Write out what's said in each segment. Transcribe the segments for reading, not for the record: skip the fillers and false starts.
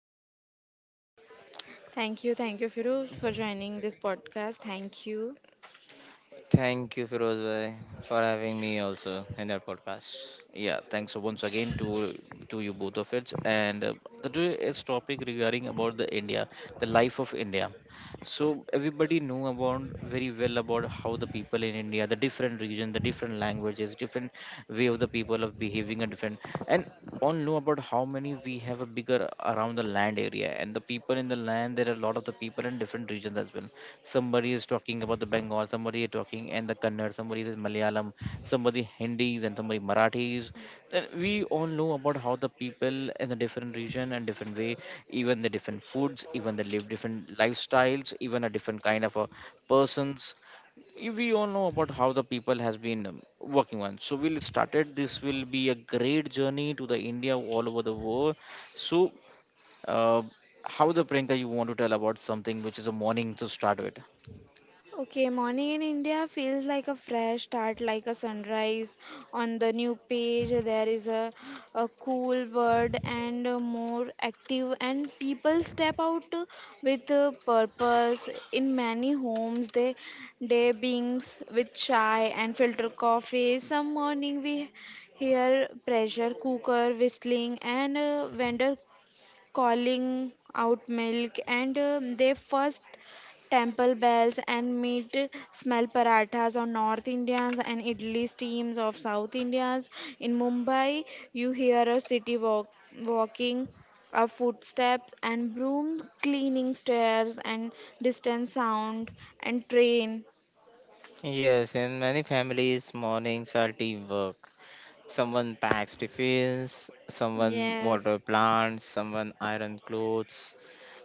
co-host Priyanka and Omkar. Thank you, Firoz, for joining this podcast. Thank you. Thank you, Firoz bhai, for having me also in the podcast. Yeah, thanks once again to you both of it. And today is topic regarding about the India, the life of India. So everybody know about very well about how the people in India, the different region, the different languages, different way of the people of behaving are different. And all know about how many we have a bigger around the land area and the people in the land there are a lot of the people in different regions as well, somebody is talking about the Bengal, somebody is talking and the Kannada, somebody is Malayalam, somebody Hindis and somebody Marathis. Then we all know about how the people in the different region and different way, even the different foods, even they live different lifestyles, even a different kind of a persons. We all know about how the people has been working on. So we'll started. This will be a great journey to the India all over the world. So. Uh, how the Priyanka you want to tell about something which is a morning to start with? Okay, morning in India feels like a fresh start, like a sunrise. On the new page, there is a cool bird and a more active, and people step out with a purpose. In many homes, they day beings with chai and filter coffee. Some morning we hear pressure cooker whistling and vendor calling out milk, and they first temple bells and meat smell parathas on North Indians and idli steams of South Indians. In Mumbai, you hear a city walk, walking, a footsteps and broom cleaning stairs and distant sound and train. Yes, in many families, mornings are teamwork. Someone packs tiffins, someone water Yes. plants, someone iron clothes.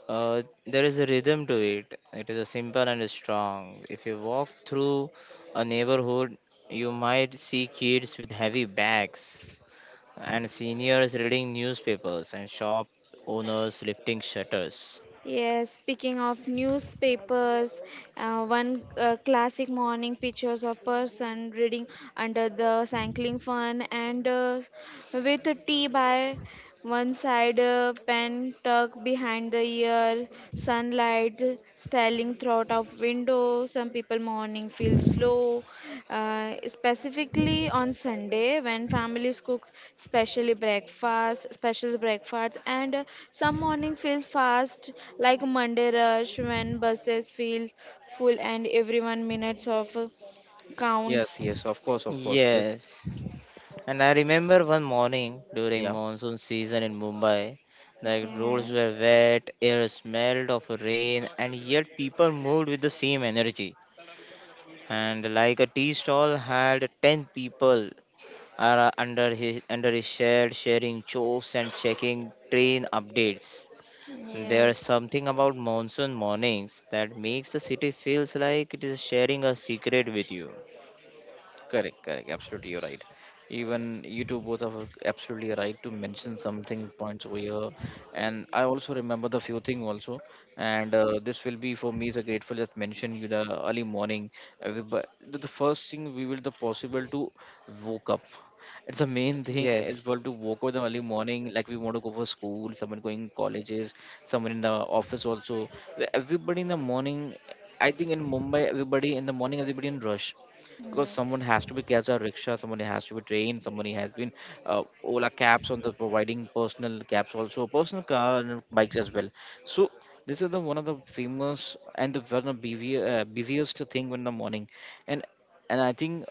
There is a rhythm to it. It is a simple and strong. If you walk through a neighborhood, you might see kids with heavy bags and seniors reading newspapers and shop owners lifting shutters. Yes, speaking of newspapers, one classic morning pictures of person reading under the cycling fan and with a tea by one side pen tucked behind the ear, sunlight styling throughout of window. Some people morning feel slow, specifically on Sunday when families cook specially breakfast, special breakfast, and some morning feels fast like Monday rush when buses feel full and everyone minutes of counts. Yes, yes, of course, of course. This, Yes. And I remember one morning during yeah. monsoon season in Mumbai, the roads Yes, were wet, air smelled of rain, and yet people moved with the same energy. And like a tea stall had 10 people are under his shed sharing jokes and checking train updates. There's yes, something about monsoon mornings that makes the city feels like it is sharing a secret with you. Correct, correct. Absolutely, you're right. Even you two both are absolutely right to mention something points over here. And I also remember the few thing also. And this will be for me is a grateful just mention you the early morning. Everybody, the first thing we will the possible to woke up. It's the main thing as Yes. well to woke up the early morning. Like we want to go for school, someone going colleges, someone in the office also. Everybody in the morning. I think in Mumbai, everybody in the morning, everybody in rush because yes, someone has to be catch a rickshaw, someone has to be trained, somebody has been Ola cabs on the providing personal cabs also, personal car and bikes as well. So this is the one of the famous and the one of the busiest thing in the morning, and I think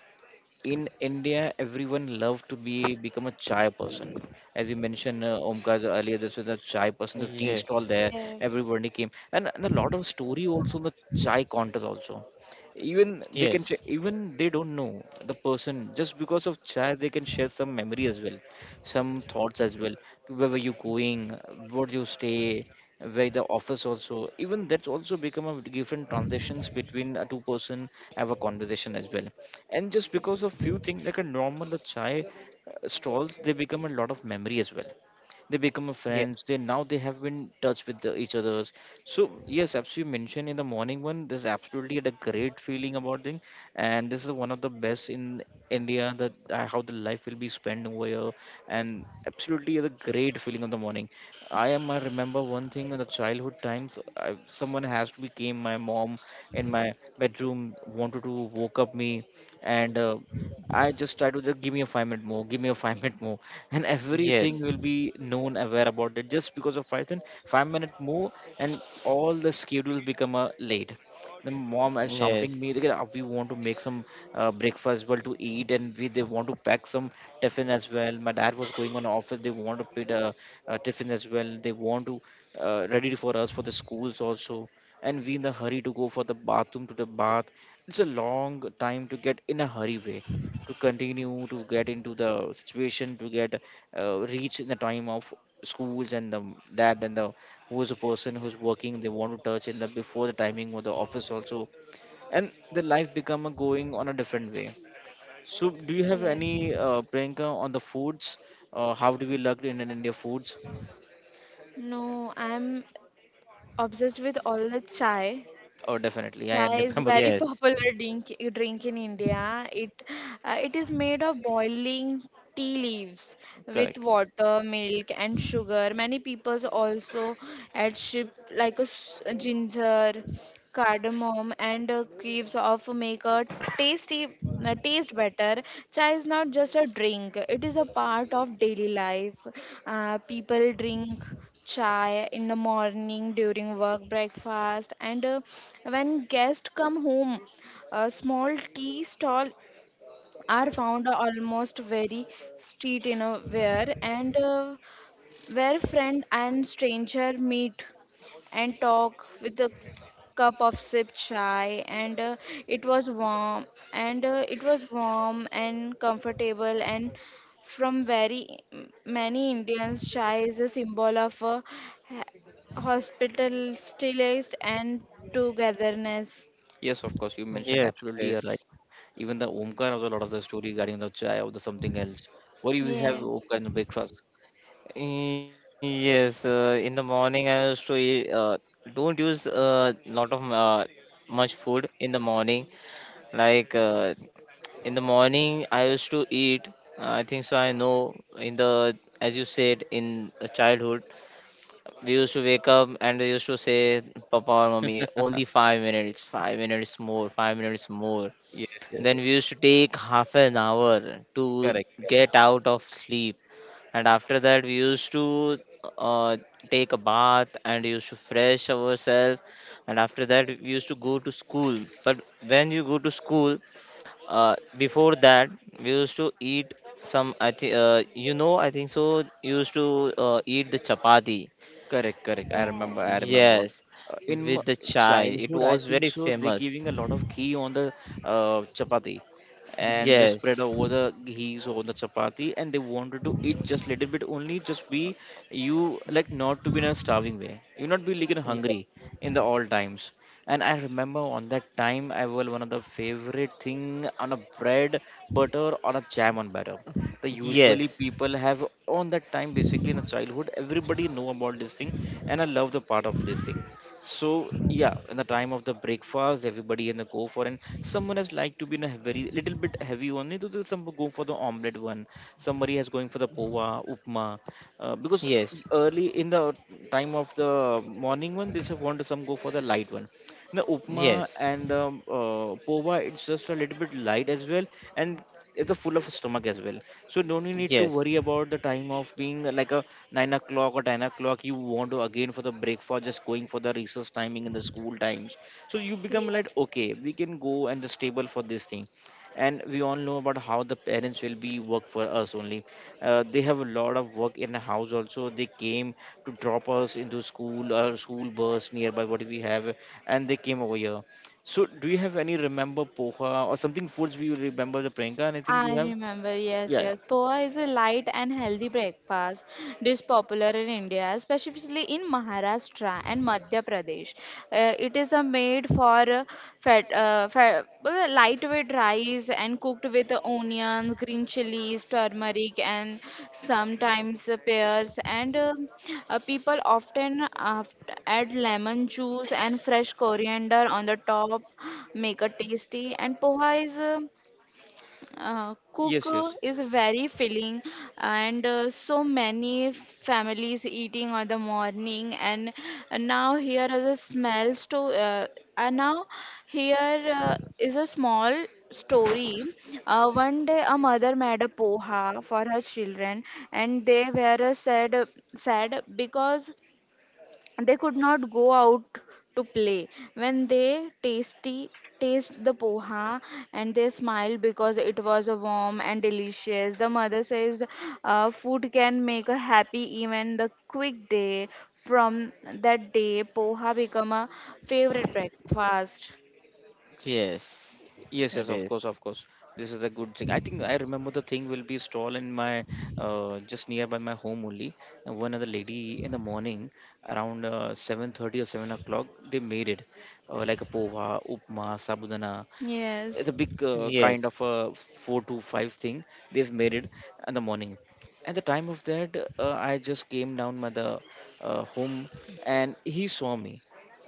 in India, everyone love to be become a chai person. As you mentioned, Omkar earlier, this was a chai person, the tea Yes. stall there. yes, Everybody came, and a lot of story also in the chai contest also. Even they can share, Yes. even they don't know the person just because of chai, they can share some memory as well, some thoughts as well. Where were you going? Where do you stay? Where the office also? Even that's also become a different transitions between a two-person have a conversation as well, and just because of few things like a normal chai stalls they become a lot of memory as well, they become a Yes. friends, they now they have been in touch with the each others. So yes, as you mentioned in the morning one, there's absolutely had a great feeling about thing, and this is one of the best in India that how the life will be spent over here, and absolutely the great feeling of the morning. I remember one thing in the childhood times, I, someone has to be came my mom in my bedroom wanted to woke up me, and I just tried to just give me a 5 minute more, give me a 5 minute more, and everything will Yes. be known aware about it just because of python 5 minute more, and all the schedule become late. The mom is shouting me, "Look, at, Yes, we want to make some breakfast well to eat, and we they want to pack some tiffin as well. My dad was going on office, they want to put a tiffin as well, they want to ready for us for the schools also, and we in the hurry to go for the bathroom to the bath. It's a long time to get in a hurry way to continue to get into the situation to get reach in the time of schools and the dad and the who's a person who's working, they want to touch in the before the timing or the office also, and the life become a going on a different way. So do you have yes. any Priyanka on the foods, how do we look in, an India foods? No, I'm obsessed with all the chai. Oh definitely I Chai is remember the very thing. popular yes, drink in India. It it is made of boiling tea leaves with Correct. water, milk, and sugar. Many people also add ship like a ginger cardamom, and cleaves of make a tasty taste better. Chai is not just a drink; it is a part of daily life. People drink chai in the morning during work breakfast and when guests come home a small tea stall are found almost very street in a where and where friend and stranger meet and talk with a cup of sip chai and it was warm and it was warm and comfortable and from very many Indians chai is a symbol of a ha- hospitalist and togetherness. Yes, of course, you mentioned absolutely yes, right. it is. Even the Omkar also a lot of the story regarding the chai or the something else. What do you have Yeah. Omkar in the breakfast? Yes, in the morning I used to eat, don't use a lot of much food in the morning. Like in the morning I used to eat, I think so I know in the, as you said, in childhood, we used to wake up and they used to say, Papa or Mummy, only 5 minutes, 5 minutes more, 5 minutes more. Yes, yes, Then yes. we used to take half an hour to Correct, correct. get out of sleep. And after that, we used to uh, take a bath and used to fresh ourselves. And after that, we used to go to school. But when you go to school, before that, we used to eat some, I think, I think so, used to eat the chapati. Correct, correct. I Yeah. remember, I remember. Yes, In with the chai. It childhood, I was think very so, they famous. giving a lot of ghee on the chapati, and they Right. spread Yes. over the ghee on the chapati, and they wanted to eat just little bit only, just be, you like not to be in a starving way. You not be like in Ye- hungry in the all times. And I remember on that time, I was one of the favorite thing on a bread, butter or a jam on butter, the usually Yes. people have on that time, basically in the childhood everybody know about this thing, and I love the part of this thing. So yeah, in the time of the breakfast everybody in the go for, and someone has like to be in a very little bit heavy one to do, some go for the omelette one, somebody has going for the poha, upma, because Yes. early in the time of the morning one, this one some go for the light one, the upma Yes, and the pova, it's just a little bit light as well, and it's a full of stomach as well. So don't you need to yes, worry about the time of being like a 9 o'clock or 10 o'clock you want to again for the breakfast, just going for the recess timing and the school times. So you become Yeah. like okay, we can go and the stable for this thing, and we all know about how the parents will be work for us only. They have a lot of work in the house also, they came to drop us into school or school bus nearby what we have, and they came over here. So do you have any remember poha or something foods, we remember the pranka, anything you I have? remember, yes, Yeah, yeah. yes. Poha is a light and healthy breakfast dish popular in India, especially in Maharashtra and Madhya Pradesh. It is a made for fat, lightweight rice and cooked with onions, green chilies, turmeric, and sometimes pears. And people often add lemon juice and fresh coriander on the top, make it tasty. And poha is cook Yes, yes. is very filling and so many families eating on the morning and now here is a smell story and now here is a small story one day a mother made a poha for her children and they were sad because they could not go out to play when they tasty taste the poha and they smiled because it was a warm and delicious. The mother says food can make a happy even the quick day. From that day poha become a favorite breakfast. yes, Yes, yes, it of is. course, of course. This is a good thing. I think I remember the thing will be stall in my just nearby my home only, and one other lady in the morning around 7:30 or 7 o'clock they made it, like a poha, upma, sabudana, Yes, it's a big kind Yes, of a 4 to 5 thing they've made it in the morning. At the time of that I just came down my the home, and he saw me,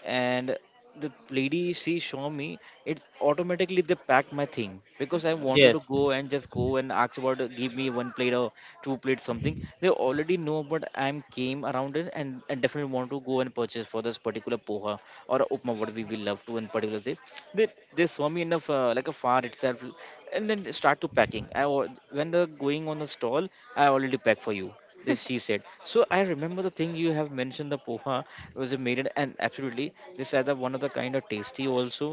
and the lady she show me, it automatically they pack my thing because I wanted to yes, yes, go and just go and ask about, give me one plate or two plates something. They already know, but I'm came around it, and definitely want to go and purchase for this particular poha or upma what we will love to in particular day. they they saw me enough like a far itself, and then start to packing. When they're going on the stall, I already pack for you, this she said. So I remember the thing, you have mentioned the poha was a made in-, and absolutely this either one of the kind of tasty also,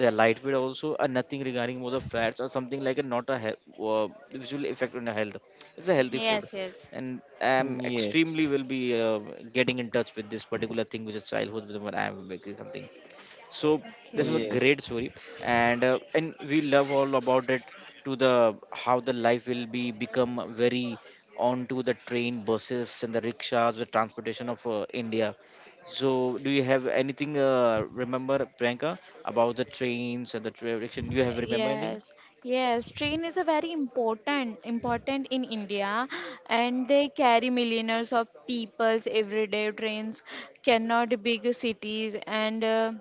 they're lightweight also, and nothing regarding more the fats or something like a not a he- visual effect on the health, it's a healthy food. yes, yes. And yes, I'm mm, extremely yes, will be getting in touch with this particular thing which is childhood with when I'm making something. So this was Okay. a yes, great story, and we love all about it to the how the life will be become very onto the train, buses, and the rickshaws, the transportation of India. So do you have anything remember Priyanka about the trains and the direction? Do you have remember anything? Yes, yes, train is a very important in India and they carry millions of peoples every day. Trains cannot big cities and uh,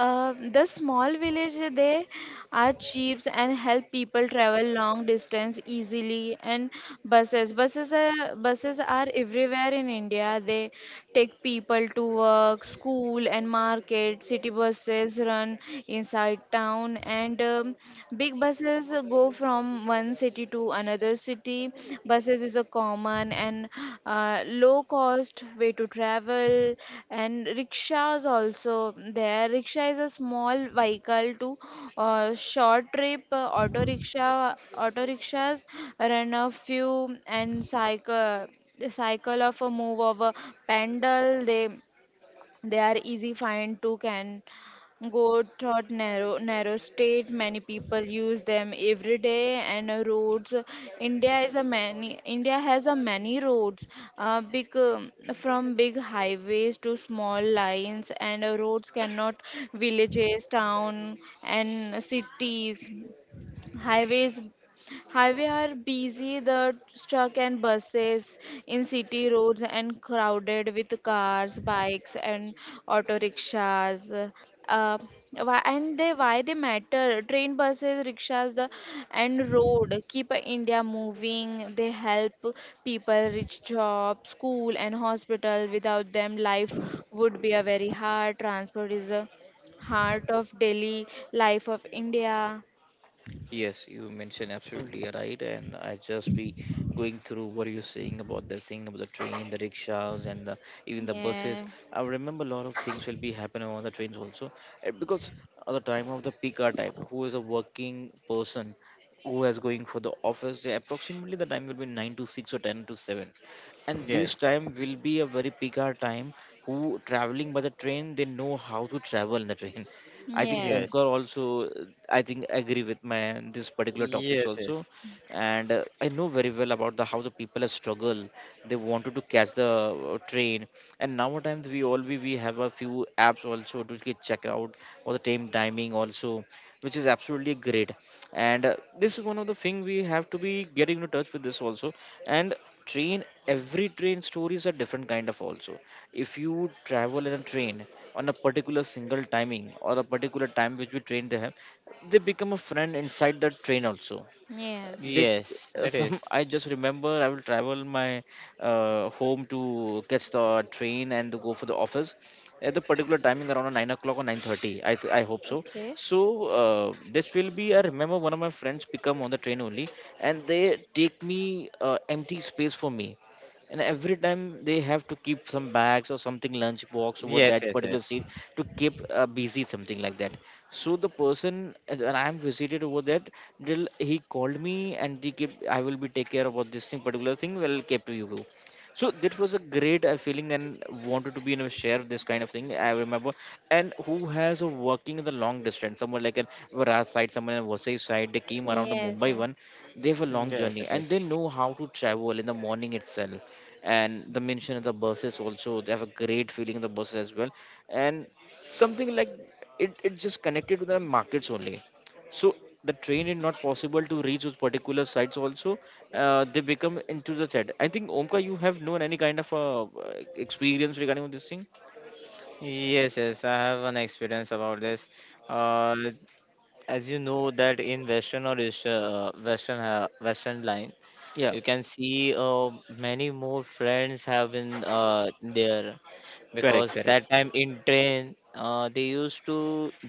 uh, the small village they are cheap and help people travel long distance easily and buses are everywhere in India. They take people to work, school and market. City buses run inside town, and big buses go from one city to another city. Buses is a common and low cost way to travel, and rickshaws also there. Rickshaw is a small vehicle to short trip. Auto rickshaw, auto rickshaws run a few and cycle the cycle of a move of a pendle. They are easy find to can go through narrow state. Many people use them every day and roads. India is a many. India has a many roads, big, from big highways to small lines and roads cannot villages town and cities. highways Highway are busy the truck and buses in city roads and crowded with cars bikes and auto rickshaws. uh, why and they why they matter: train buses rickshaws the, and road keep India moving. They help people reach job school and hospital. Without them life would be a very hard. Transport is a heart of daily life of India. Yes, you mentioned absolutely right, and I just be going through what you're saying about the thing about the train, the rickshaws, and the, even the buses. Yeah. I remember a lot of things will be happening on the trains also, eh, because at the time of the peak hour time, who is a working person who is going for the office, eh, approximately the time will be 9 to 6 or 10 to 7, and this time will be a very peak hour time. Who traveling by the train, they know how to travel in the train. I think Yes. yes, Omkar also, I think agree with my this particular topics also, yes, and I know very well about the how the people have struggled. They wanted to catch the train, and nowadays we have a few apps also to get check out all the time timing also, which is absolutely great. And this is one of the thing we have to be getting in touch with this also. And train every train stories are different kind of also if you travel in a train on a particular single timing or a particular time which we train they have, they become a friend inside the train also. Yes. They yes, it some is. I just remember I will travel my home to catch the train and to go for the office at the particular timing around 9 o'clock or 9:30, I hope so. Okay. So uh, this will be, I remember one of my friends pick up on the train only, and they take me empty space for me, and every time they have to keep some bags or something lunch box over Yes, that yes, particular yes, seat to keep busy something like that. So the person and I'm visited over that, till he called me and he kept, I will be take care about this thing, particular thing, will keep to you. So that was a great feeling and wanted to be in a share of this kind of thing. I remember. And who has a working in the long distance, someone like an Varas side, someone in Vasai side, they came around the Yes. Mumbai Yes. one. They have a long yes, journey it and they is. know how to travel in the morning itself. And the mention of the buses also, they have a great feeling in the buses as well. And something like it just connected to the markets only, so the train is not possible to reach those particular sites also. They become into the chat. I think Omka, you have known any kind of experience regarding this thing? Yes, yes, I have an experience about this. Uh, as you know that in Western or Eastern, Western line, Yeah, you can see many more friends have been there, correct, because correct, that time in train they used to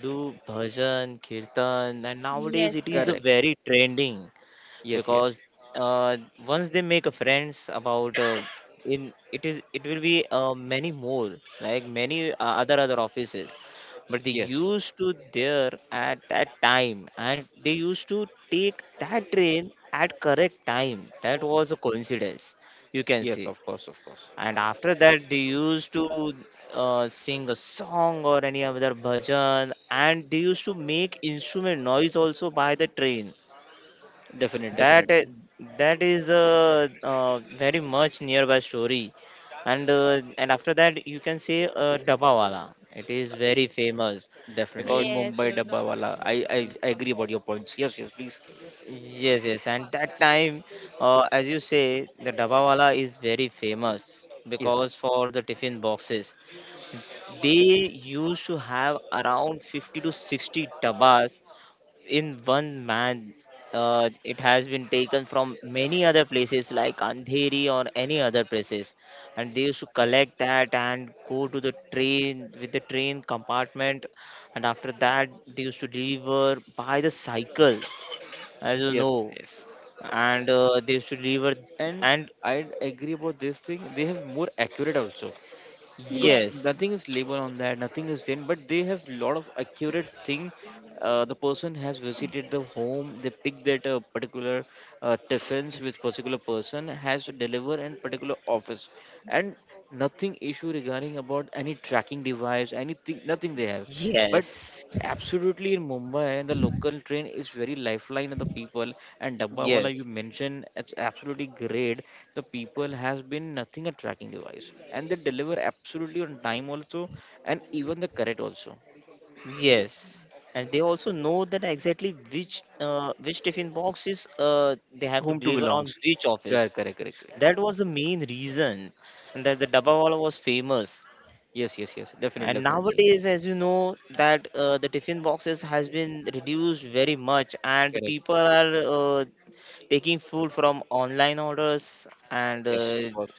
do bhajan, kirtan, and nowadays Yes. it is a Yes. correct. very trending, Yes, yes, because uh, once they make a friends about in it is it will be many more, like many other offices, but they yes, used to there at that time and they used to take that train at correct time. That was a coincidence, you can yes. see. Of course, of course. And after that they used to sing a song or any other bhajan, and they used to make instrument noise also by the train. Definite, that definite, i- that is a very much nearby story. And after that you can say Dabawala. It is very famous, definitely. In because Yes. Mumbai, Yes. Dabbawala. I agree about your points. Yes, yes, please. yes, yes, and that time, as you say, the Dabawala is very famous Yes, because for the tiffin boxes they used to have around 50 to 60 dabas in one man. It has been taken from many other places like Andheri or any other places, and they used to collect that and go to the train with the train compartment, and after that they used to deliver by the cycle, as you yes, know. yes. And they used to deliver. And And I agree about this thing, they have more accurate also, because Yes. yes, nothing is labeled on that, nothing is then, but they have lot of accurate thing. The person has visited the home, they pick that particular tiffins with particular person has to deliver in particular office, and nothing issue regarding about any tracking device anything nothing they have. But yes, absolutely, in Mumbai, the local train is very lifeline of the people. And Dabbawala, you yes. mentioned, it's absolutely great. The people has been nothing a tracking device, and they deliver absolutely on time also, and even the correct also, Yes, and they also know that exactly which which tiffin boxes they have to whom to deliver on belongs. which office. Correct, correct, correct, correct. That was the main reason, and that the Dabawala was famous. Yes, yes, yes. Definitely, And definitely. nowadays, as you know, that the tiffin boxes has been reduced very much, and the Correct. people are taking food from online orders, and Yes, of course.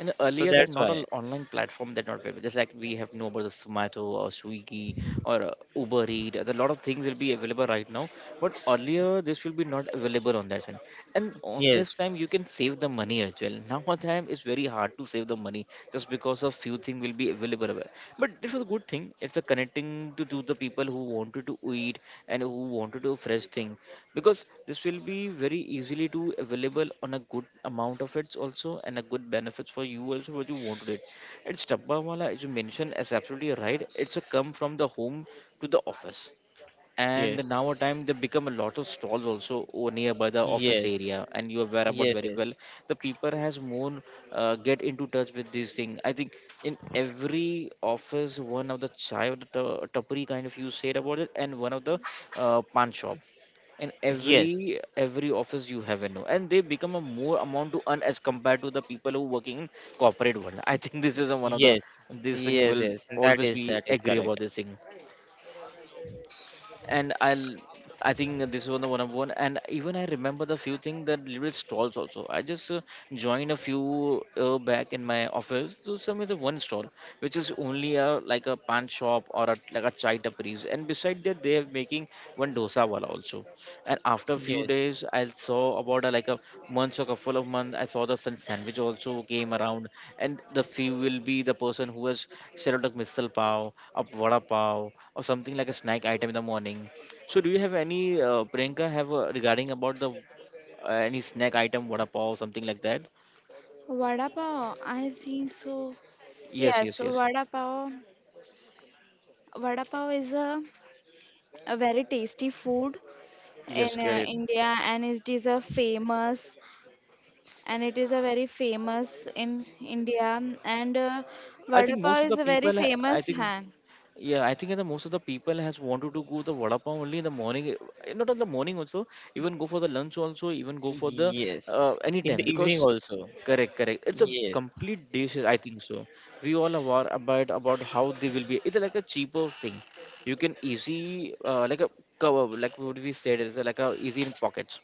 And so earlier, there that's are not why. all online platform that not available. Just like we have no about the Sumato or Swiggy or Uber Eat. There's a lot of things will be available right now. But earlier, this will be not available on that channel. And on this Yes, time, you can save the money as well. Now on time, it's very hard to save the money just because of few things will be available, aware. But it was a good thing. It's a connecting to the people who wanted to eat and who wanted to fresh thing, because this will be very easily to available on a good amount of it also, and a good benefits for you also what you wanted it. It's dabba wala, as you mentioned, is absolutely right. It's a come from the home to the office. And yes, now a time they become a lot of stalls also nearby the office area, yes, and you are aware about yes, very yes, well. The people has more get into touch with this thing, I think, in every office, one of the chai or the tapri kind of you said about it, and one of the pan shop in yes. every office you have in, and they become a more amount to earn as compared to the people who working in corporate world. I think this is a, one of the Yes, this thing yes, will yes. That always is be that is agree about correct. this thing. And I'll, I think this was the one of one, and even I remember the few things that little bit stalls also. I just joined a few back in my office, so some is a one stall which is only a like a pan shop or a, like a chai tapris, and beside that they have making one dosa wala also. And after a few Yes, days I saw about like a months or couple of months, I saw the sun sandwich also came around, and the few will be the person who has served a missile pav, a vada pav or something like a snack item in the morning. So do you have any Priyanka have regarding about the any snack item, vada pav something like that? Vada pav. I think so. Yes, Yes. yes, So yes, vada pav. Vada pav is a very tasty food yes in Karen. India, and it is a famous and it is a very famous in India. And I think vada most pav of the is a very people I famous think, hand. yeah, I think the most of the people has wanted to go the vada pav only in the morning. Eh, not in the morning also, even go for the lunch also, even go for the yes. any In time, the because evening also. correct, correct. It's a Yes, complete dish, I think so. We all are aware about how they will be. It's like a cheaper thing. You can easy like a cover, like what we said, it's like a easy in pockets.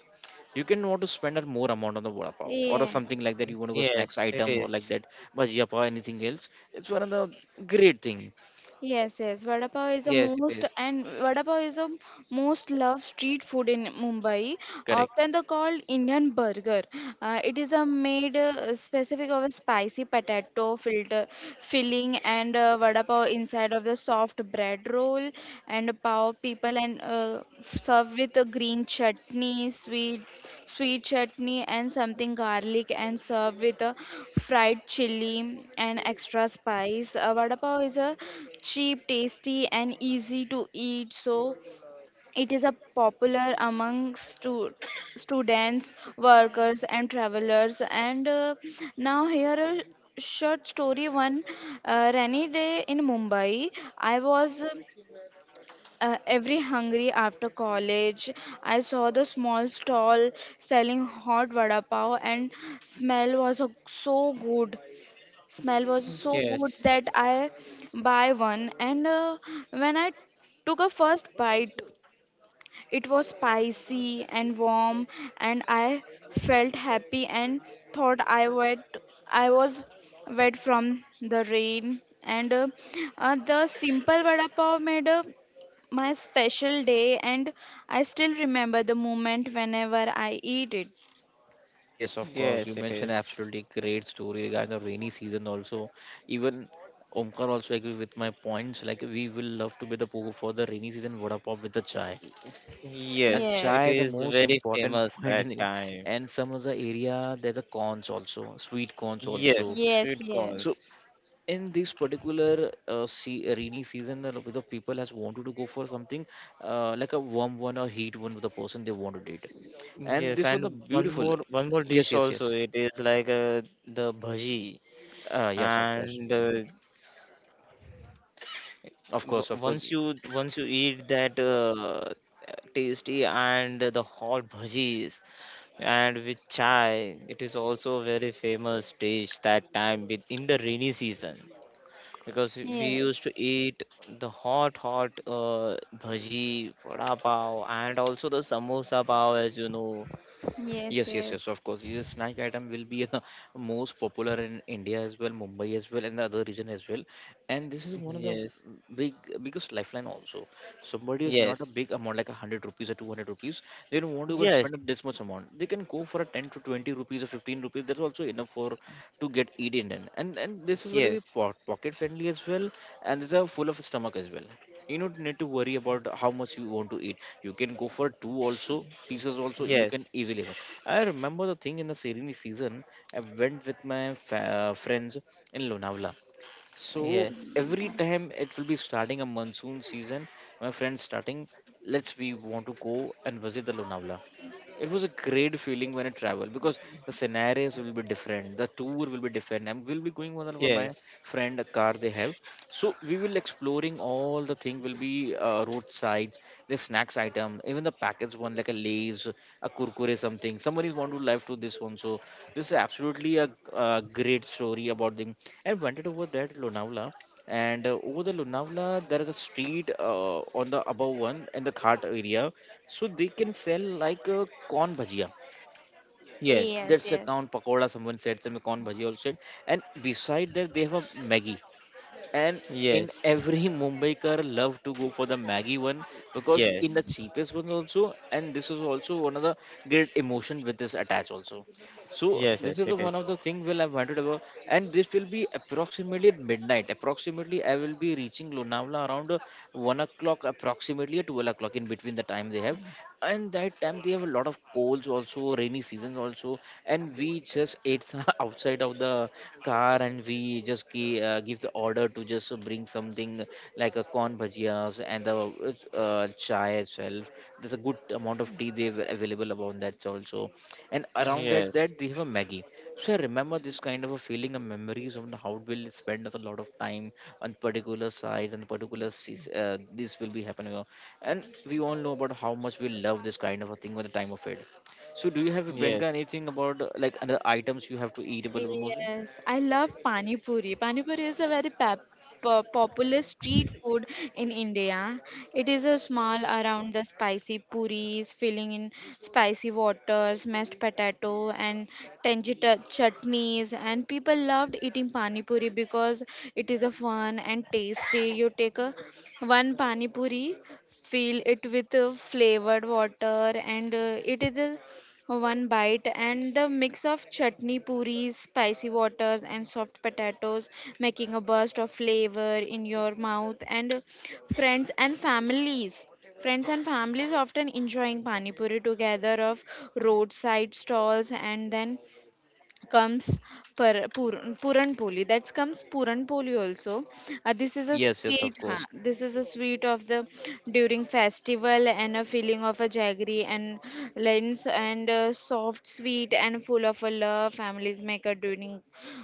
You can want to spend a more amount on the vada pav or Yeah. something like that. You want to go snacks yes. It item or like is. that bhajiya pav anything else. It's one of the great thing. Yes, yes. Yes, it is. Vada pav is the most loved street food in Mumbai. Correct. Often the called Indian burger. It is a made specific of a spicy potato filter filling and vada pav inside of the soft bread roll and power people and serve with a green chutney, sweet chutney and something garlic and serve with a fried chili and extra spice. Vada pav is a cheap, tasty and easy to eat. So it is a popular among students, workers and travelers. And now here a short story one rainy day in Mumbai. I was every hungry after college, I saw the small stall selling hot vada pav, and so good. Smell was so good Yes, that I buy one. And when I took a first bite, it was spicy and warm, and I felt happy and thought I wet. I was wet from the rain, and the simple vada pav made my special day, and I still remember the moment whenever I eat it. Yes, of course. You yes. It mentioned is. absolutely great story regarding the rainy season also. Even Omkar also agree with my points. Like we will love to be the pogo for the rainy season vada pop with the chai. Yes, Yes, it Ajay, the is most very important famous point in that the, time. and some of the area there's a cons also, sweet cons also. Yes, yes, sweet yes. So corns. in this particular see, rainy season, a lot of people has wanted to go for something like a warm one or heat one with the person they want to date. And Yes, this one the and one beautiful. more one more Yes, dish yes, also. yes. It is like the bhaji, Yes, of course, and uh, of course, of w- course. once you eat that tasty and the hot bhajis, and with chai it is also a very famous dish that time, in the rainy season, because we used Yes, to eat the hot hot bhaji vada pav and also the samosa pav, as you know. yes, Yes, yes, yes, yes, of course. This snack item will be the most popular in India as well, Mumbai as well, and the other region as well. And this is one of the Yes, big biggest lifeline also. Somebody is not a yes, big amount like 100 rupees or 200 rupees. They don't want to go and yes, spend up this much amount. They can go for a 10 to 20 rupees or 15 rupees. That's also enough for to get eat Indian. And this is will be yes, pocket friendly as well, and these are full of stomach as well. You don't need to worry about how much you want to eat, you can go for two also pieces also, you can yes, easily have. I remember the thing in the serene season, I went with my friends in Lonavala. So yes, every time it will be starting a monsoon season, my friends starting, let's we want to go and visit the Lonavala. It was a great feeling when I travel, because the scenarios will be different, the tour will be different. I'm will be going with one of my yes, friend a car they have, so we will exploring all the thing will be roadsides, the snacks item, even the packets one like a Lay's, a Kurkure something. Somebody want to live to this one. So this is absolutely a, great story about the. And went it over that to Lonavala, and over the Lonavala there is a street on the above one in the cart area, so they can sell like a corn bhajia. yes, yes, That's a yes. corn pakoda. Someone said some corn bhajia also, said. And beside that they have a Maggie, and in yes, every mumbaikar love to go for the maggie one because in the yes, cheapest one also, and this is also one of the great emotion with this attached also. So yes, yes, this yes, is the it one is. of the thing will I wanted about. And this will be approximately at midnight, approximately I will be reaching lonavala around 1 o'clock, approximately at 12 o'clock in between the time they have. And that time they have a lot of colds also, rainy seasons also. And we just ate some outside of the car, and we just give the order to just bring something like a corn bhajias and the chai as well. There's a good amount of tea they were available about that also. And around that Yes, that they have a maggie. So I remember this kind of a feeling and memories of the how will spend a lot of time on particular sites and particular seats. This will be happening, and we all know about how much we love this kind of a thing with the time of it. So do you have Yeah. Priyanka yes, anything about like other items you have to eat about mostly? Yes, I love pani puri. Pani puri is a very popular street food in India. It is a small around the spicy puris, filling in spicy water, mashed potato, and chutneys. And people loved eating pani puri because it is a fun and tasty. You take a one pani puri, fill it with flavored water, and it is a one bite and the mix of chutney puris spicy waters and soft potatoes making a burst of flavor in your mouth. And friends and families friends and families often enjoying pani puri together of roadside stalls. And then comes puran, poli. That comes puran poli also. This is a Yes, yes, sweet. of Huh? course. This is a sweet of the during festival and a feeling of a jaggery and lens, and soft, sweet and full of a love. Families make a during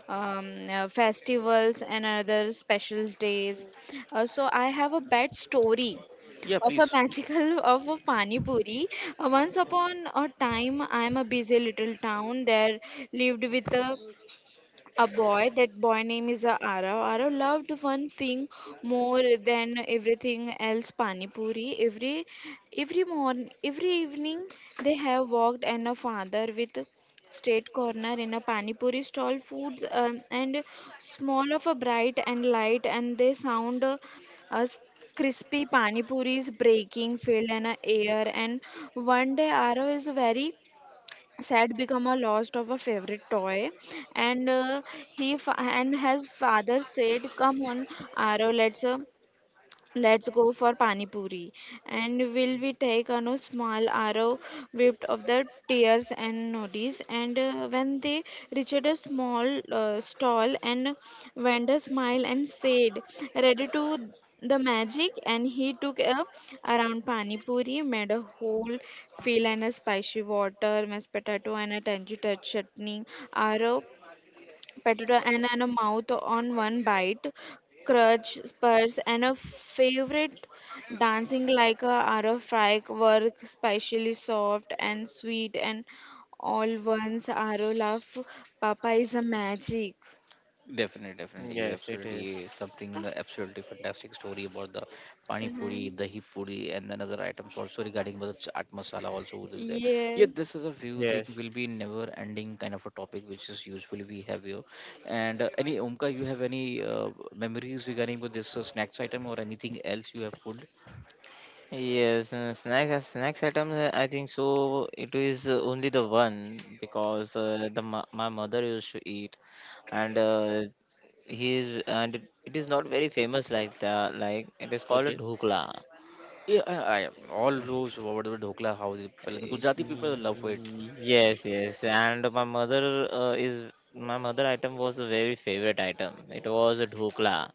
festivals and other special days. So I have a bad story Yeah, of a please. magical of a pani puri. Once upon a time, I am a busy little town there lived with a boy. That boy name is Arav. Arav loved one thing more than everything else: pani puri. Every morning every evening they have walked and a father with straight corner in a pani puri stall foods, and small of a bright and light and they sound as crispy pani puris breaking filled in a air. And one day Arav is very sad, become a lost of a favorite toy. And and his father said, "Come on, Arrow, let's." Let's go for pani puri. And will we take on a no small arrow whipped of the tears and nodis? And when they reached a small stall, and vendor smiled and said, "Ready to the magic?" And he took a around pani puri, made a whole fill and a spicy water, mashed potato, and a tangy touch chutney. Arrow potato and a mouth on one bite, crutch, spurs, and a favorite dancing like a Ara fry work, specially soft and sweet, and all ones Aro love. Papa is a magic. Definitely, definitely. You yes, it absolutely is. something Ah. absolutely fantastic story about the pani puri, dahi puri, and then other items also regarding the chaat masala also would be there. Yeah, Yes, this is a few thing Yes, will be never ending kind of a topic which is usually we have here. And any Omka, you have any memories regarding with this snacks item or anything else you have food? yes. Snacks items. I think so. It is only the one, because my mother used to eat, and he is. And it is not very famous. Like it is called a Okay. dhukla. Yeah, I all those whatever dhokla how they Y- Gujarati people love it. Yes, yes. And my mother item was a very favorite item. It was a dhokla.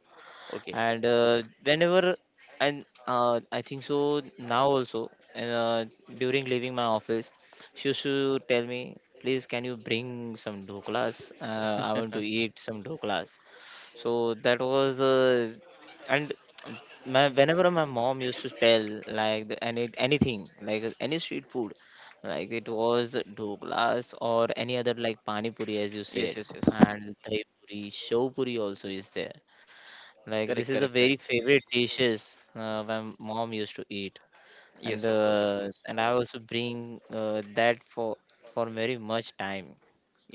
Okay. And whenever, and I think so, now also, and during leaving my office, she used to tell me, please, can you bring some doklas, I want to eat some doklas. So that was the. And my, whenever my mom used to tell, like the, anything like any street food, like it was doklas or any other, like pani puri, as you Yes, said, yes, yes. and dahi puri, show puri, also is there. Like, this Correct, is a correct, very correct. favorite dishes my mom used to eat. and Yes, of course, of uh, course. and I also bring that for very much time.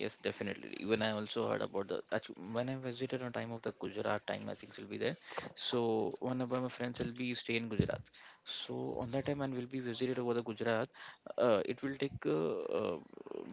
Yes, definitely. Even I also heard about the when I visited on time of the Gujarat time, I think will be there. So one of my friends will be stay in Gujarat. So on that time, and will be visited over the Gujarat. It will take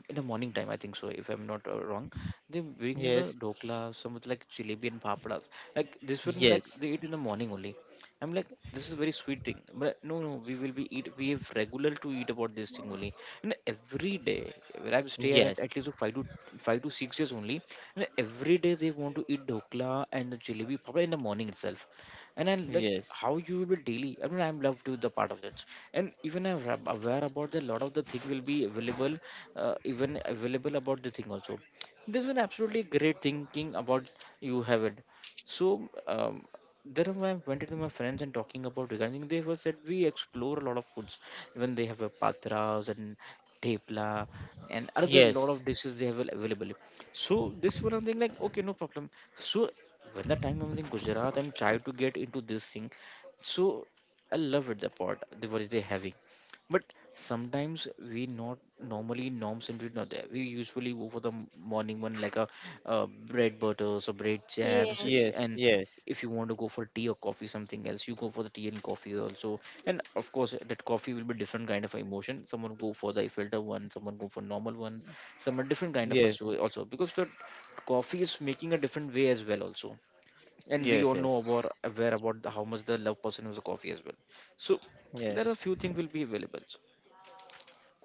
In the morning time, I think so, if I'm not wrong. They bring the Yes, dokla, some with like jalebi and papadas. Like this one, like yes, they eat in the morning only. I'm like, this is a very sweet thing. But no, no, we will be eat. We have regular to eat about this thing only. And every day, where I stay at yes, at least five to six years only. And every day they want to eat dhokla and the jalebi probably in the morning itself. And I'm like, yes, how you will be daily? I mean, I'm love to the part of that. And even I'm aware about that. Lot of the thing will be available, even available about the thing also. This is an absolutely great thinking about you have it. So there are- I went to my friends and talking about regarding they were said we explore a lot of foods, even they have a patras and tepla and other lot of yes, dishes they have available. So this one I'm thinking like okay, no problem. So when the time I'm in Gujarat, I'm trying to get into this thing. So I love it the part the what is they having, but sometimes we not normally norms and we not there. We usually go for the morning one like a bread butters or bread jams, yes. yes, and yes, if you want to go for tea or coffee something else, you go for the tea and coffee also. And of course that coffee will be different kind of emotion. Someone go for the filter one, someone go for normal one, someone different kind of a yes, so also, because the coffee is making a different way as well also. And we all yes, know yes, about aware about the, how much the love person is a coffee as well. So there are yes. few things will be available. So,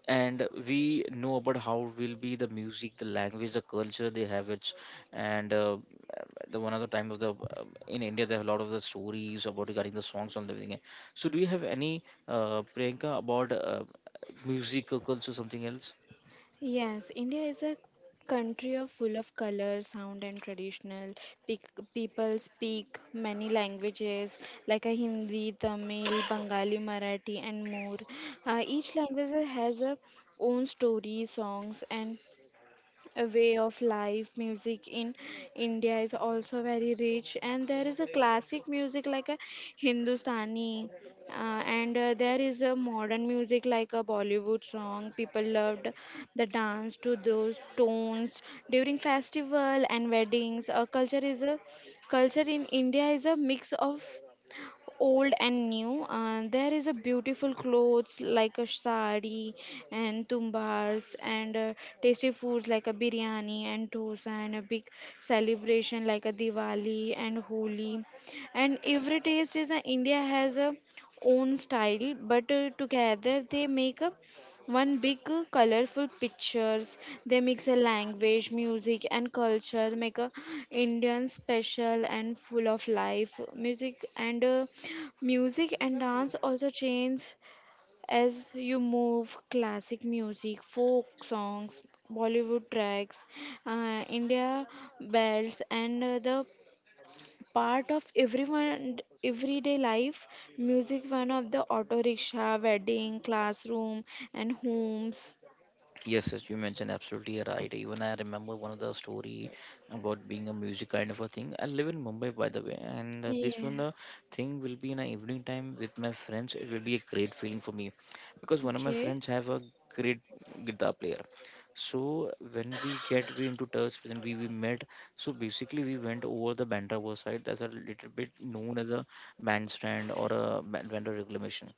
and we know about how will be the music, the language, the culture they have it. And the one of the time of the in india there are a lot of the stories about regarding the songs and everything. So do you have any priyanka about music or culture something else? Yes, India is a country of full of color, sound, and traditional. Pic- People speak many languages like a Hindi, Tamil, Bengali, Marathi, and more. Each language has a own story, songs, and a way of life. Music in India is also very rich, and there is a classic music like a Hindustani, and there is a modern music like a Bollywood song. People loved the dance to those tones during festival and weddings. A culture in India is a mix of old and new. There is a beautiful clothes like a sari and tumbars and tasty foods like a biryani and dosa and a big celebration like a Diwali and Holi. And every taste is, India has a own style, but together they make a one big colorful pictures. They mix a language, music and culture, make a Indian special and full of life. Music and dance also change as you move. Classic music, folk songs, Bollywood tracks, India bells and the part of everyone everyday life. Music one of the auto rickshaw, wedding, classroom and homes. Yes, yes, you mentioned absolutely right. Even I remember one of the story about being a music kind of a thing. I live in Mumbai, by the way, and this one Yeah. Thing will be in the evening time with my friends. It will be a great feeling for me because one of my Okay. friends have a great guitar player. So when we get we into touch, when we met, so basically we went over the Bandra Works side. That's a little bit known as a bandstand or a Bandra reclamation.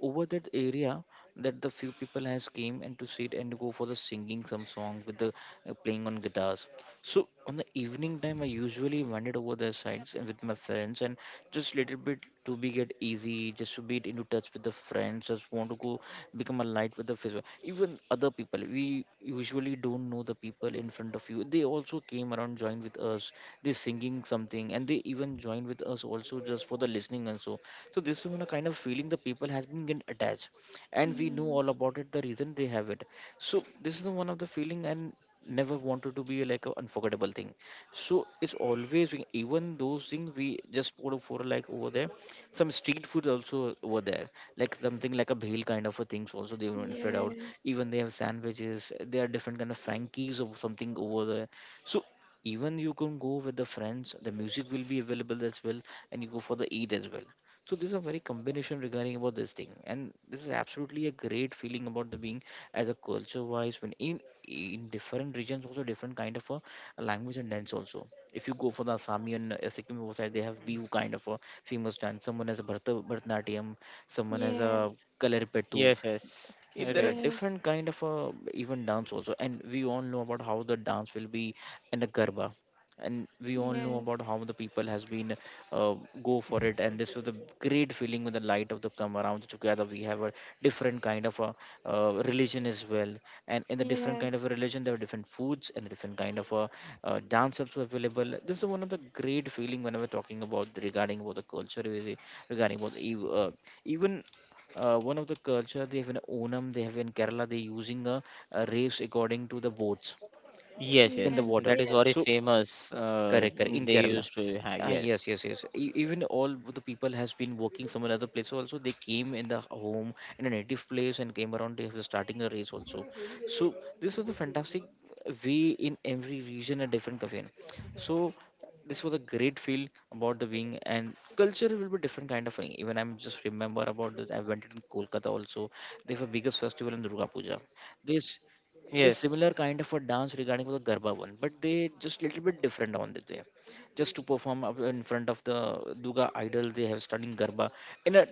Over that area, that the few people has came and to sit and go for the singing some song with the playing on guitars. So on the evening time I usually wandered over their sides and with my friends, and just little bit to be get easy, just to be into touch with the friends, just want to go become a light with the face. Even other people we usually don't know, the people in front of you they also came around joined with us, they singing something and they even joined with us also just for the listening and so. So this is one kind of feeling the people has been get attached, and we know Mm. all about it the reason they have it. So this is the one of the feeling and never wanted to be like an unforgettable thing. So it's always even those things we just put for like over there, some street food also over there, like something like a bhel kind of a things also they want spread out. Yes. Even they have sandwiches, they are different kind of frankies or something over there. So even you can go with the friends, the music will be available as well, and you go for the eat as well. So this is a very combination regarding about this thing, and this is absolutely a great feeling about the being as a culture wise. When in different regions also, different kind of a language and dance also. If you go for the Assami and Sikkim side they have Bihu kind of a famous dance, someone has a Bharata, Bharatanatyam, someone has a Yes. Kalaripettu. Yes, yes, If it there are Yes. is. different kind of even dance also, and we all know about how the dance will be in the garba, and we all know Yes. about how the people has been uh, go for it. And this was the great feeling with the light of the come around together. We have a different kind of a religion as well, and in the different kind of Yes. a religion there are different foods and different kind of a dance also available. This is one of the great feeling whenever talking about regarding about the culture, regarding about the ev- even one of the culture they have in Onam, they have in Kerala, they using a race according to the boats Yes, in the yes, Yes. water. that is very Yes. So famous. Correct, correct, Mm. in They kerala. used to have. Ah yes, Yes, yes, yes. Even all the people has been working some another place also. They came in the home in a native place and came around. They have starting the race also. So this was a fantastic way in every region a different cafe. No? So this was a great feel about the wing, and culture will be different kind of thing. Even I'm just remember about that. I went in Kolkata also. They have a biggest festival in Durga Puja. This this yes, similar kind of a dance regarding the Garba one, but they just little bit different on it there. Just to perform up in front of the Duga idol, they have stunning Garba in a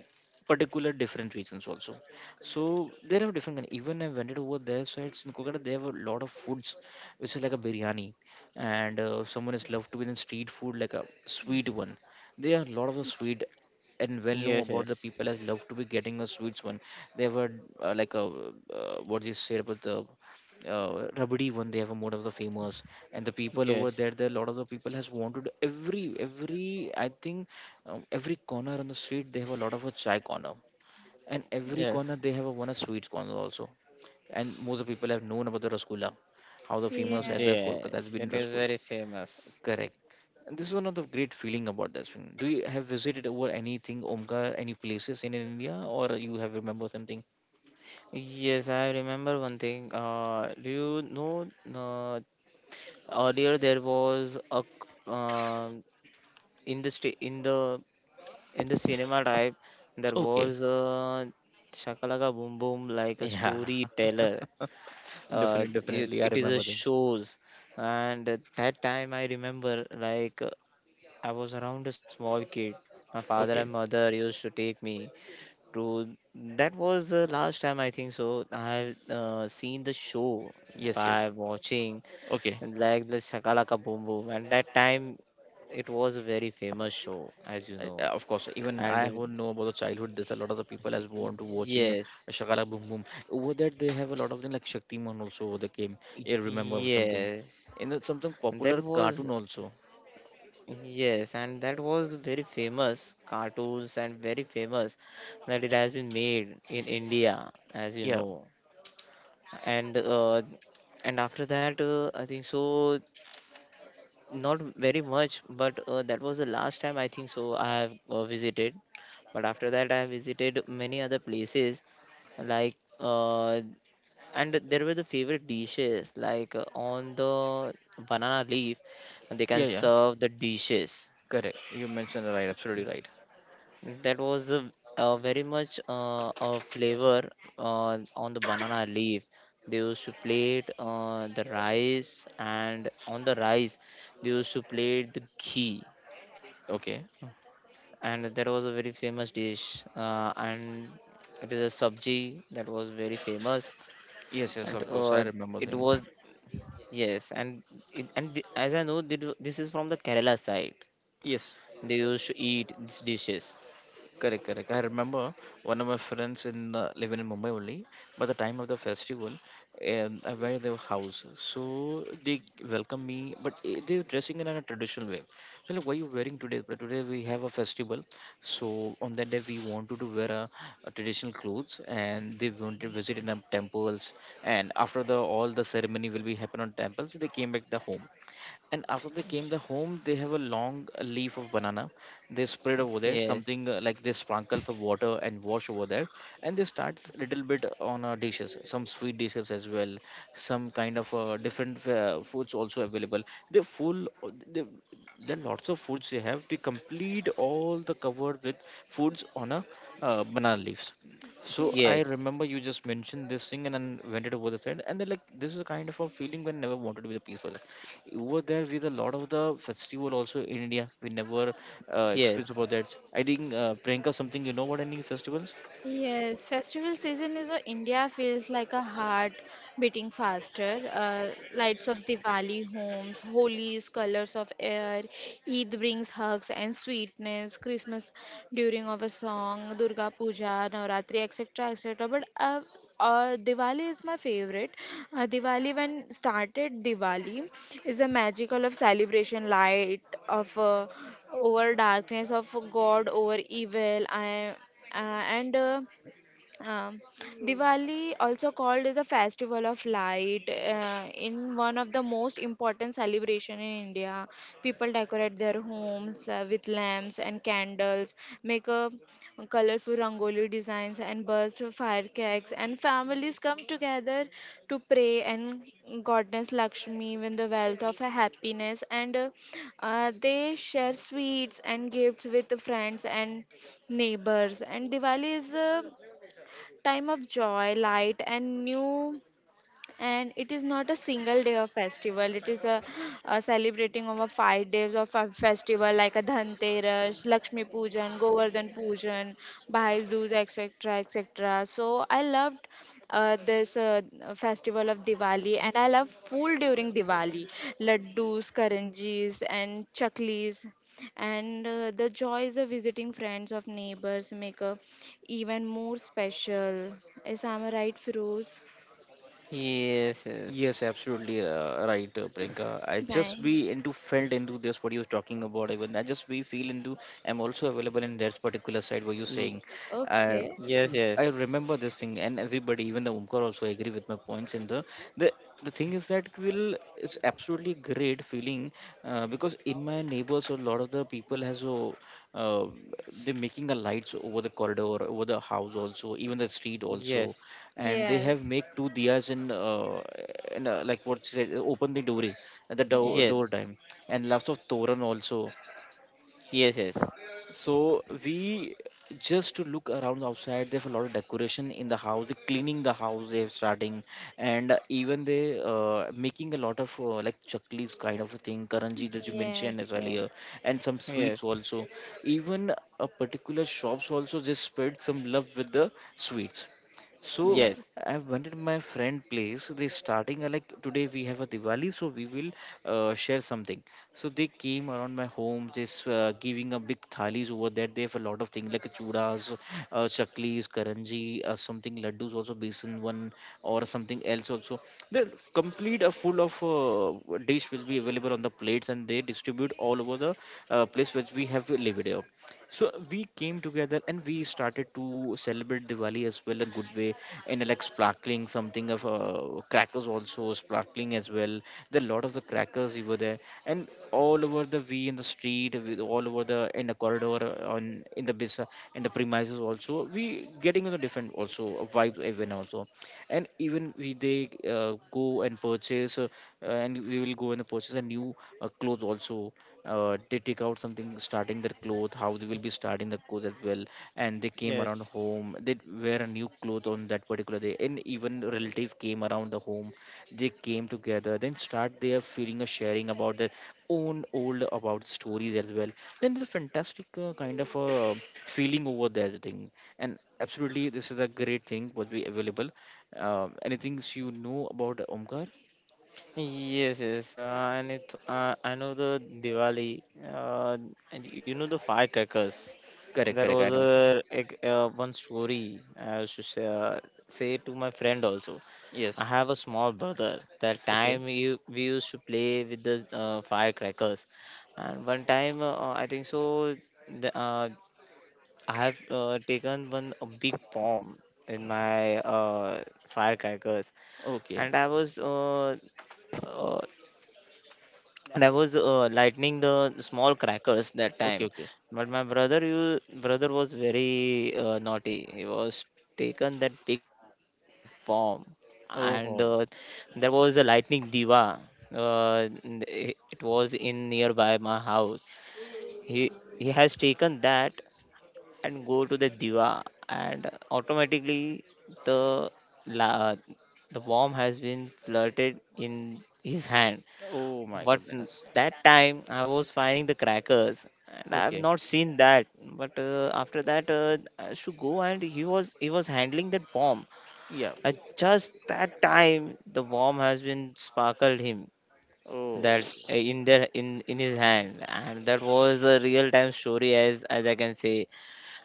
particular different regions also. So there are different kind. Even I went it over their sides in Kolkata, they have a lot of foods, which is like a biryani, and someone is loved to be in street food like a sweet one. They are a lot of the sweet, and well know yes, about the yes, people as love to be getting a sweets one. They have a like a what you said about the Rabdi one, they have a mode of the famous. And the people over yes, there, there a lot of the people has wanted every I think every corner on the street they have a lot of a chai corner, and every corner yes. they have a one a sweet corner also. And most of the people have known about the rasgulla, how the famous at Yes. the Kolkata has Yes, been it is rasgulla. very famous. Correct. And this is one of the great feeling about this thing. Do you have visited over anything Omkar any places in India or you have remember something? Yes, I remember one thing. Do you know, uh, earlier there was a in the sta- in the in the cinema type there Okay. was a Shakalaka Boom Boom, like a Yeah. storyteller. Uh, Definitely, it, definitely, I it is a remember thing. shows. And at that time I remember, like, I was around a small kid. My father and Okay. mother used to take me. True. That was the last time, I think so. I have seen the show Yes, yes. by watching Okay. like the Shakalaka Boom Boom, and that time it was a very famous show, as you know. Of course, even And I who with- know about the childhood, there's a lot of the people as born to watching yes, Shakala Boom Boom. Over that, they have a lot of things like Shaktiman also over the game. I remember something. yes. In the- something And that popular was, cartoon also. yes, and that was very famous cartoons, and very famous that it has been made in India, as you Yeah, know. And uh, and after that, I think so. Not very much, but that was the last time, I think so, I have visited. But after that, I have visited many other places, like, uh, and there were the favorite dishes, like, on the banana leaf, and they can yeah, yeah. serve the dishes. Correct. You mentioned right. Absolutely right. That was a, very much a flavor on the banana leaf. They used to plate the rice, and on the rice they used to plate the ghee. Okay. And there was a very famous dish, and it is a sabji. That was very famous. Yes, yes. And Of course, I remember it thing. was. Yes. And as I know that this is from the Kerala side, Yes. they used to eat these dishes. Correct, correct. I remember one of my friends in living in Mumbai only. By the time of the festival, I went to their house, so they welcomed me, but they were dressing in a traditional way. So like, why you wearing today? But today we have a festival, so on that day we wanted to wear a traditional clothes, and they wanted to visit in a temples. And after the all the ceremony will be happen on temples, they came back the home and after they came the home they have a long leaf of banana. They spread over there something Yes, like they sprinkle some water and wash over there, and they start little bit on dishes, some sweet dishes as well, some kind of different foods also available. They full, they, there are lots of foods they have to complete all the cover with foods on a banana leaves. So Yes, I yes, remember you just mentioned this thing and then went it over the side and then like this is a kind of a feeling when never wanted to be the peaceful over there with a lot of the festival also in India. We never experienced yes, about that. I think Priyanka, something you know about any festivals? Yes, festival season is a India feels like a heart beating faster. Lights of Diwali homes, Holi's colors of air, Eid brings hugs and sweetness, Christmas during of a song, Durga Puja, Navratri, etc., etc. But Diwali is my favorite. Diwali when started, Diwali is a magical of celebration, light of over darkness, of God over evil. I and um, Diwali, also called the festival of light, in one of the most important celebration in India. People decorate their homes with lamps and candles, make a colorful rangoli designs and burst firecrackers, and families come together to pray and goddess Lakshmi with the wealth of happiness, and they share sweets and gifts with friends and neighbors. And Diwali is time of joy, light, and new. And it is not a single day of festival. It is a celebrating over 5 days of a festival like a dhanteras, lakshmi pujan, govardhan pujan, bhai dooj, etc., etc. So I loved this festival of Diwali, and I love food during Diwali: laddus, karanjis and chaklis. And the joys of visiting friends of neighbors make a even more special. Is am I right, feroz yes, Yes, yes. absolutely right, Priyanka. I just Thank. be into felt into this what you're talking about. Even I just be feel into. I'm also available in that particular side where you're Ye- saying. Uh, Okay. yes, I yes, remember this thing, and everybody, even the Omkar also agree with my points in the the thing is that will it's absolutely great feeling, because in my neighbors a lot of the people has uh, they're making a lights over the corridor over the house also, even the street also, yes, and they Yes, have make two diyas in like what she said, open the door at the door, yes. door yes, time, and lots of toran also. yes, So we just to look around outside. They have a lot of decoration in the house. They cleaning the house. They're starting, and even they making a lot of like chaklis kind of a thing, karanji that you Yes. mentioned as Yes. earlier, and some sweets yes, yes, also. Even a particular shops also just spread some love with the sweets. So Yes. yes, I went to my friend place. They starting like today we have a Diwali, so we will share something. So they came around my home, just giving a big thalis over there. They have a lot of things like chudas, chaklis, karanji, something laddus also, besan one or something else also. The complete a full of dish will be available on the plates, and they distribute all over the place which we have lived. So we came together and we started to celebrate Diwali as well a good way, and like sparkling something of crackers also sparkling as well. There are a lot of the crackers were there, and all over the we in the street, with all over the in the corridor, on in the bis in the premises also. We getting the different also vibes even also, and even we they go and purchase, and we will go and purchase a new clothes also. They take out something starting their clothes how they will be starting the clothes as well, and they came around yes. home, they wear a new cloth on that particular day, and even relative came around the home. They came together then start their feeling or sharing about their own old about stories as well, then the fantastic kind of a feeling over that thing, and absolutely this is a great thing would be available. Anything you know about Omkar? Yes, yes, and it I know the Diwali, uh, and you know the firecrackers. Correct, That correct, was I know. a, one story I used to say, to my friend also. I Yes. have a small brother. That Okay. time we used to play with the firecrackers. And one time, I think so, the, I have taken one a big bomb in my firecrackers. Okay, And uh, I was lightening the small crackers that okay, time. okay. But my brother, you brother was very naughty. He was taken that big bomb. And Oh. there was a lightning diva. Uh, n- i- it was in nearby my house. He he has taken that and go to the diva, and automatically the la, the bomb has been flirted in his hand. Oh my But goodness. that time I was finding the crackers, and I've Okay. not seen that. But after that, I should go, and he was handling that bomb. Yeah. At just that time, the bomb has been sparkled him, Oh. that in there, in his hand. And that was a real time story, as I can say.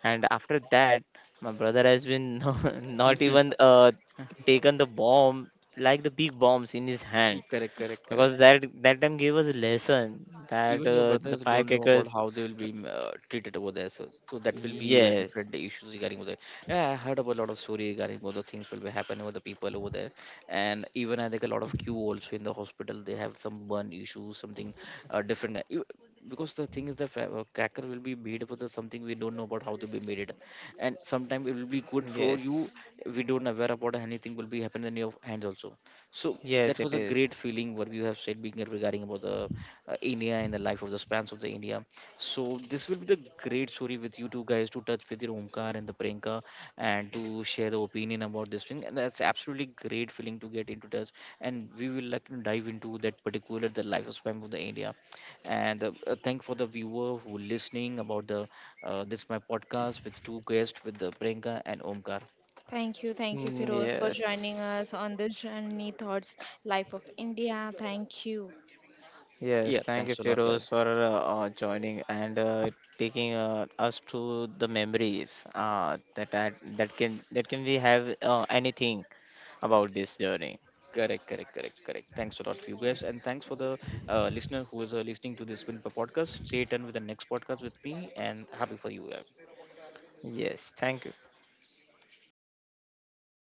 And after that, my brother has been not even taken the bomb like the big bombs in his hand, Correct, correct, correct. because that time gave us a lesson that Even your the brothers don't know about firecrackers. how they will be treated over there. So, so that will be Yes, different issues regarding over there. Yeah, I heard about a lot of story regarding what the things will be happening with the people over there, and even I think a lot of queue also in the hospital. They have some burn issues, something different. You- because the thing is, the cracker will be made for the something we don't know about how to be made it, and sometimes it will be good for you. yes, We don't aware about anything will be happening in your hand also. So yes, that it was a is. great feeling what you have said being regarding about the India and the life of the spans of the India. So this will be the great story with you two guys to touch with your Omkar and the Priyanka and to share the opinion about this thing. And that's absolutely great feeling to get into touch. And we will like to dive into that particular the life of span of the India. And thank for the viewer who listening about the this my podcast with two guests with the Priyanka and Omkar. Thank you, Mm. Firoz, for joining Yes, us on this journey, Thoughts, Life of India. Thank you. yes. Yeah, Thank you, thanks a lot, guys. Firoz, for joining, and taking us to the memories, that can we have anything about this journey. Correct, correct, correct, correct. Thanks a lot for you guys, and thanks for the listener who is listening to this Winpa podcast. Stay tuned with the next podcast with me, and happy for you. Guys. Yes, thank you.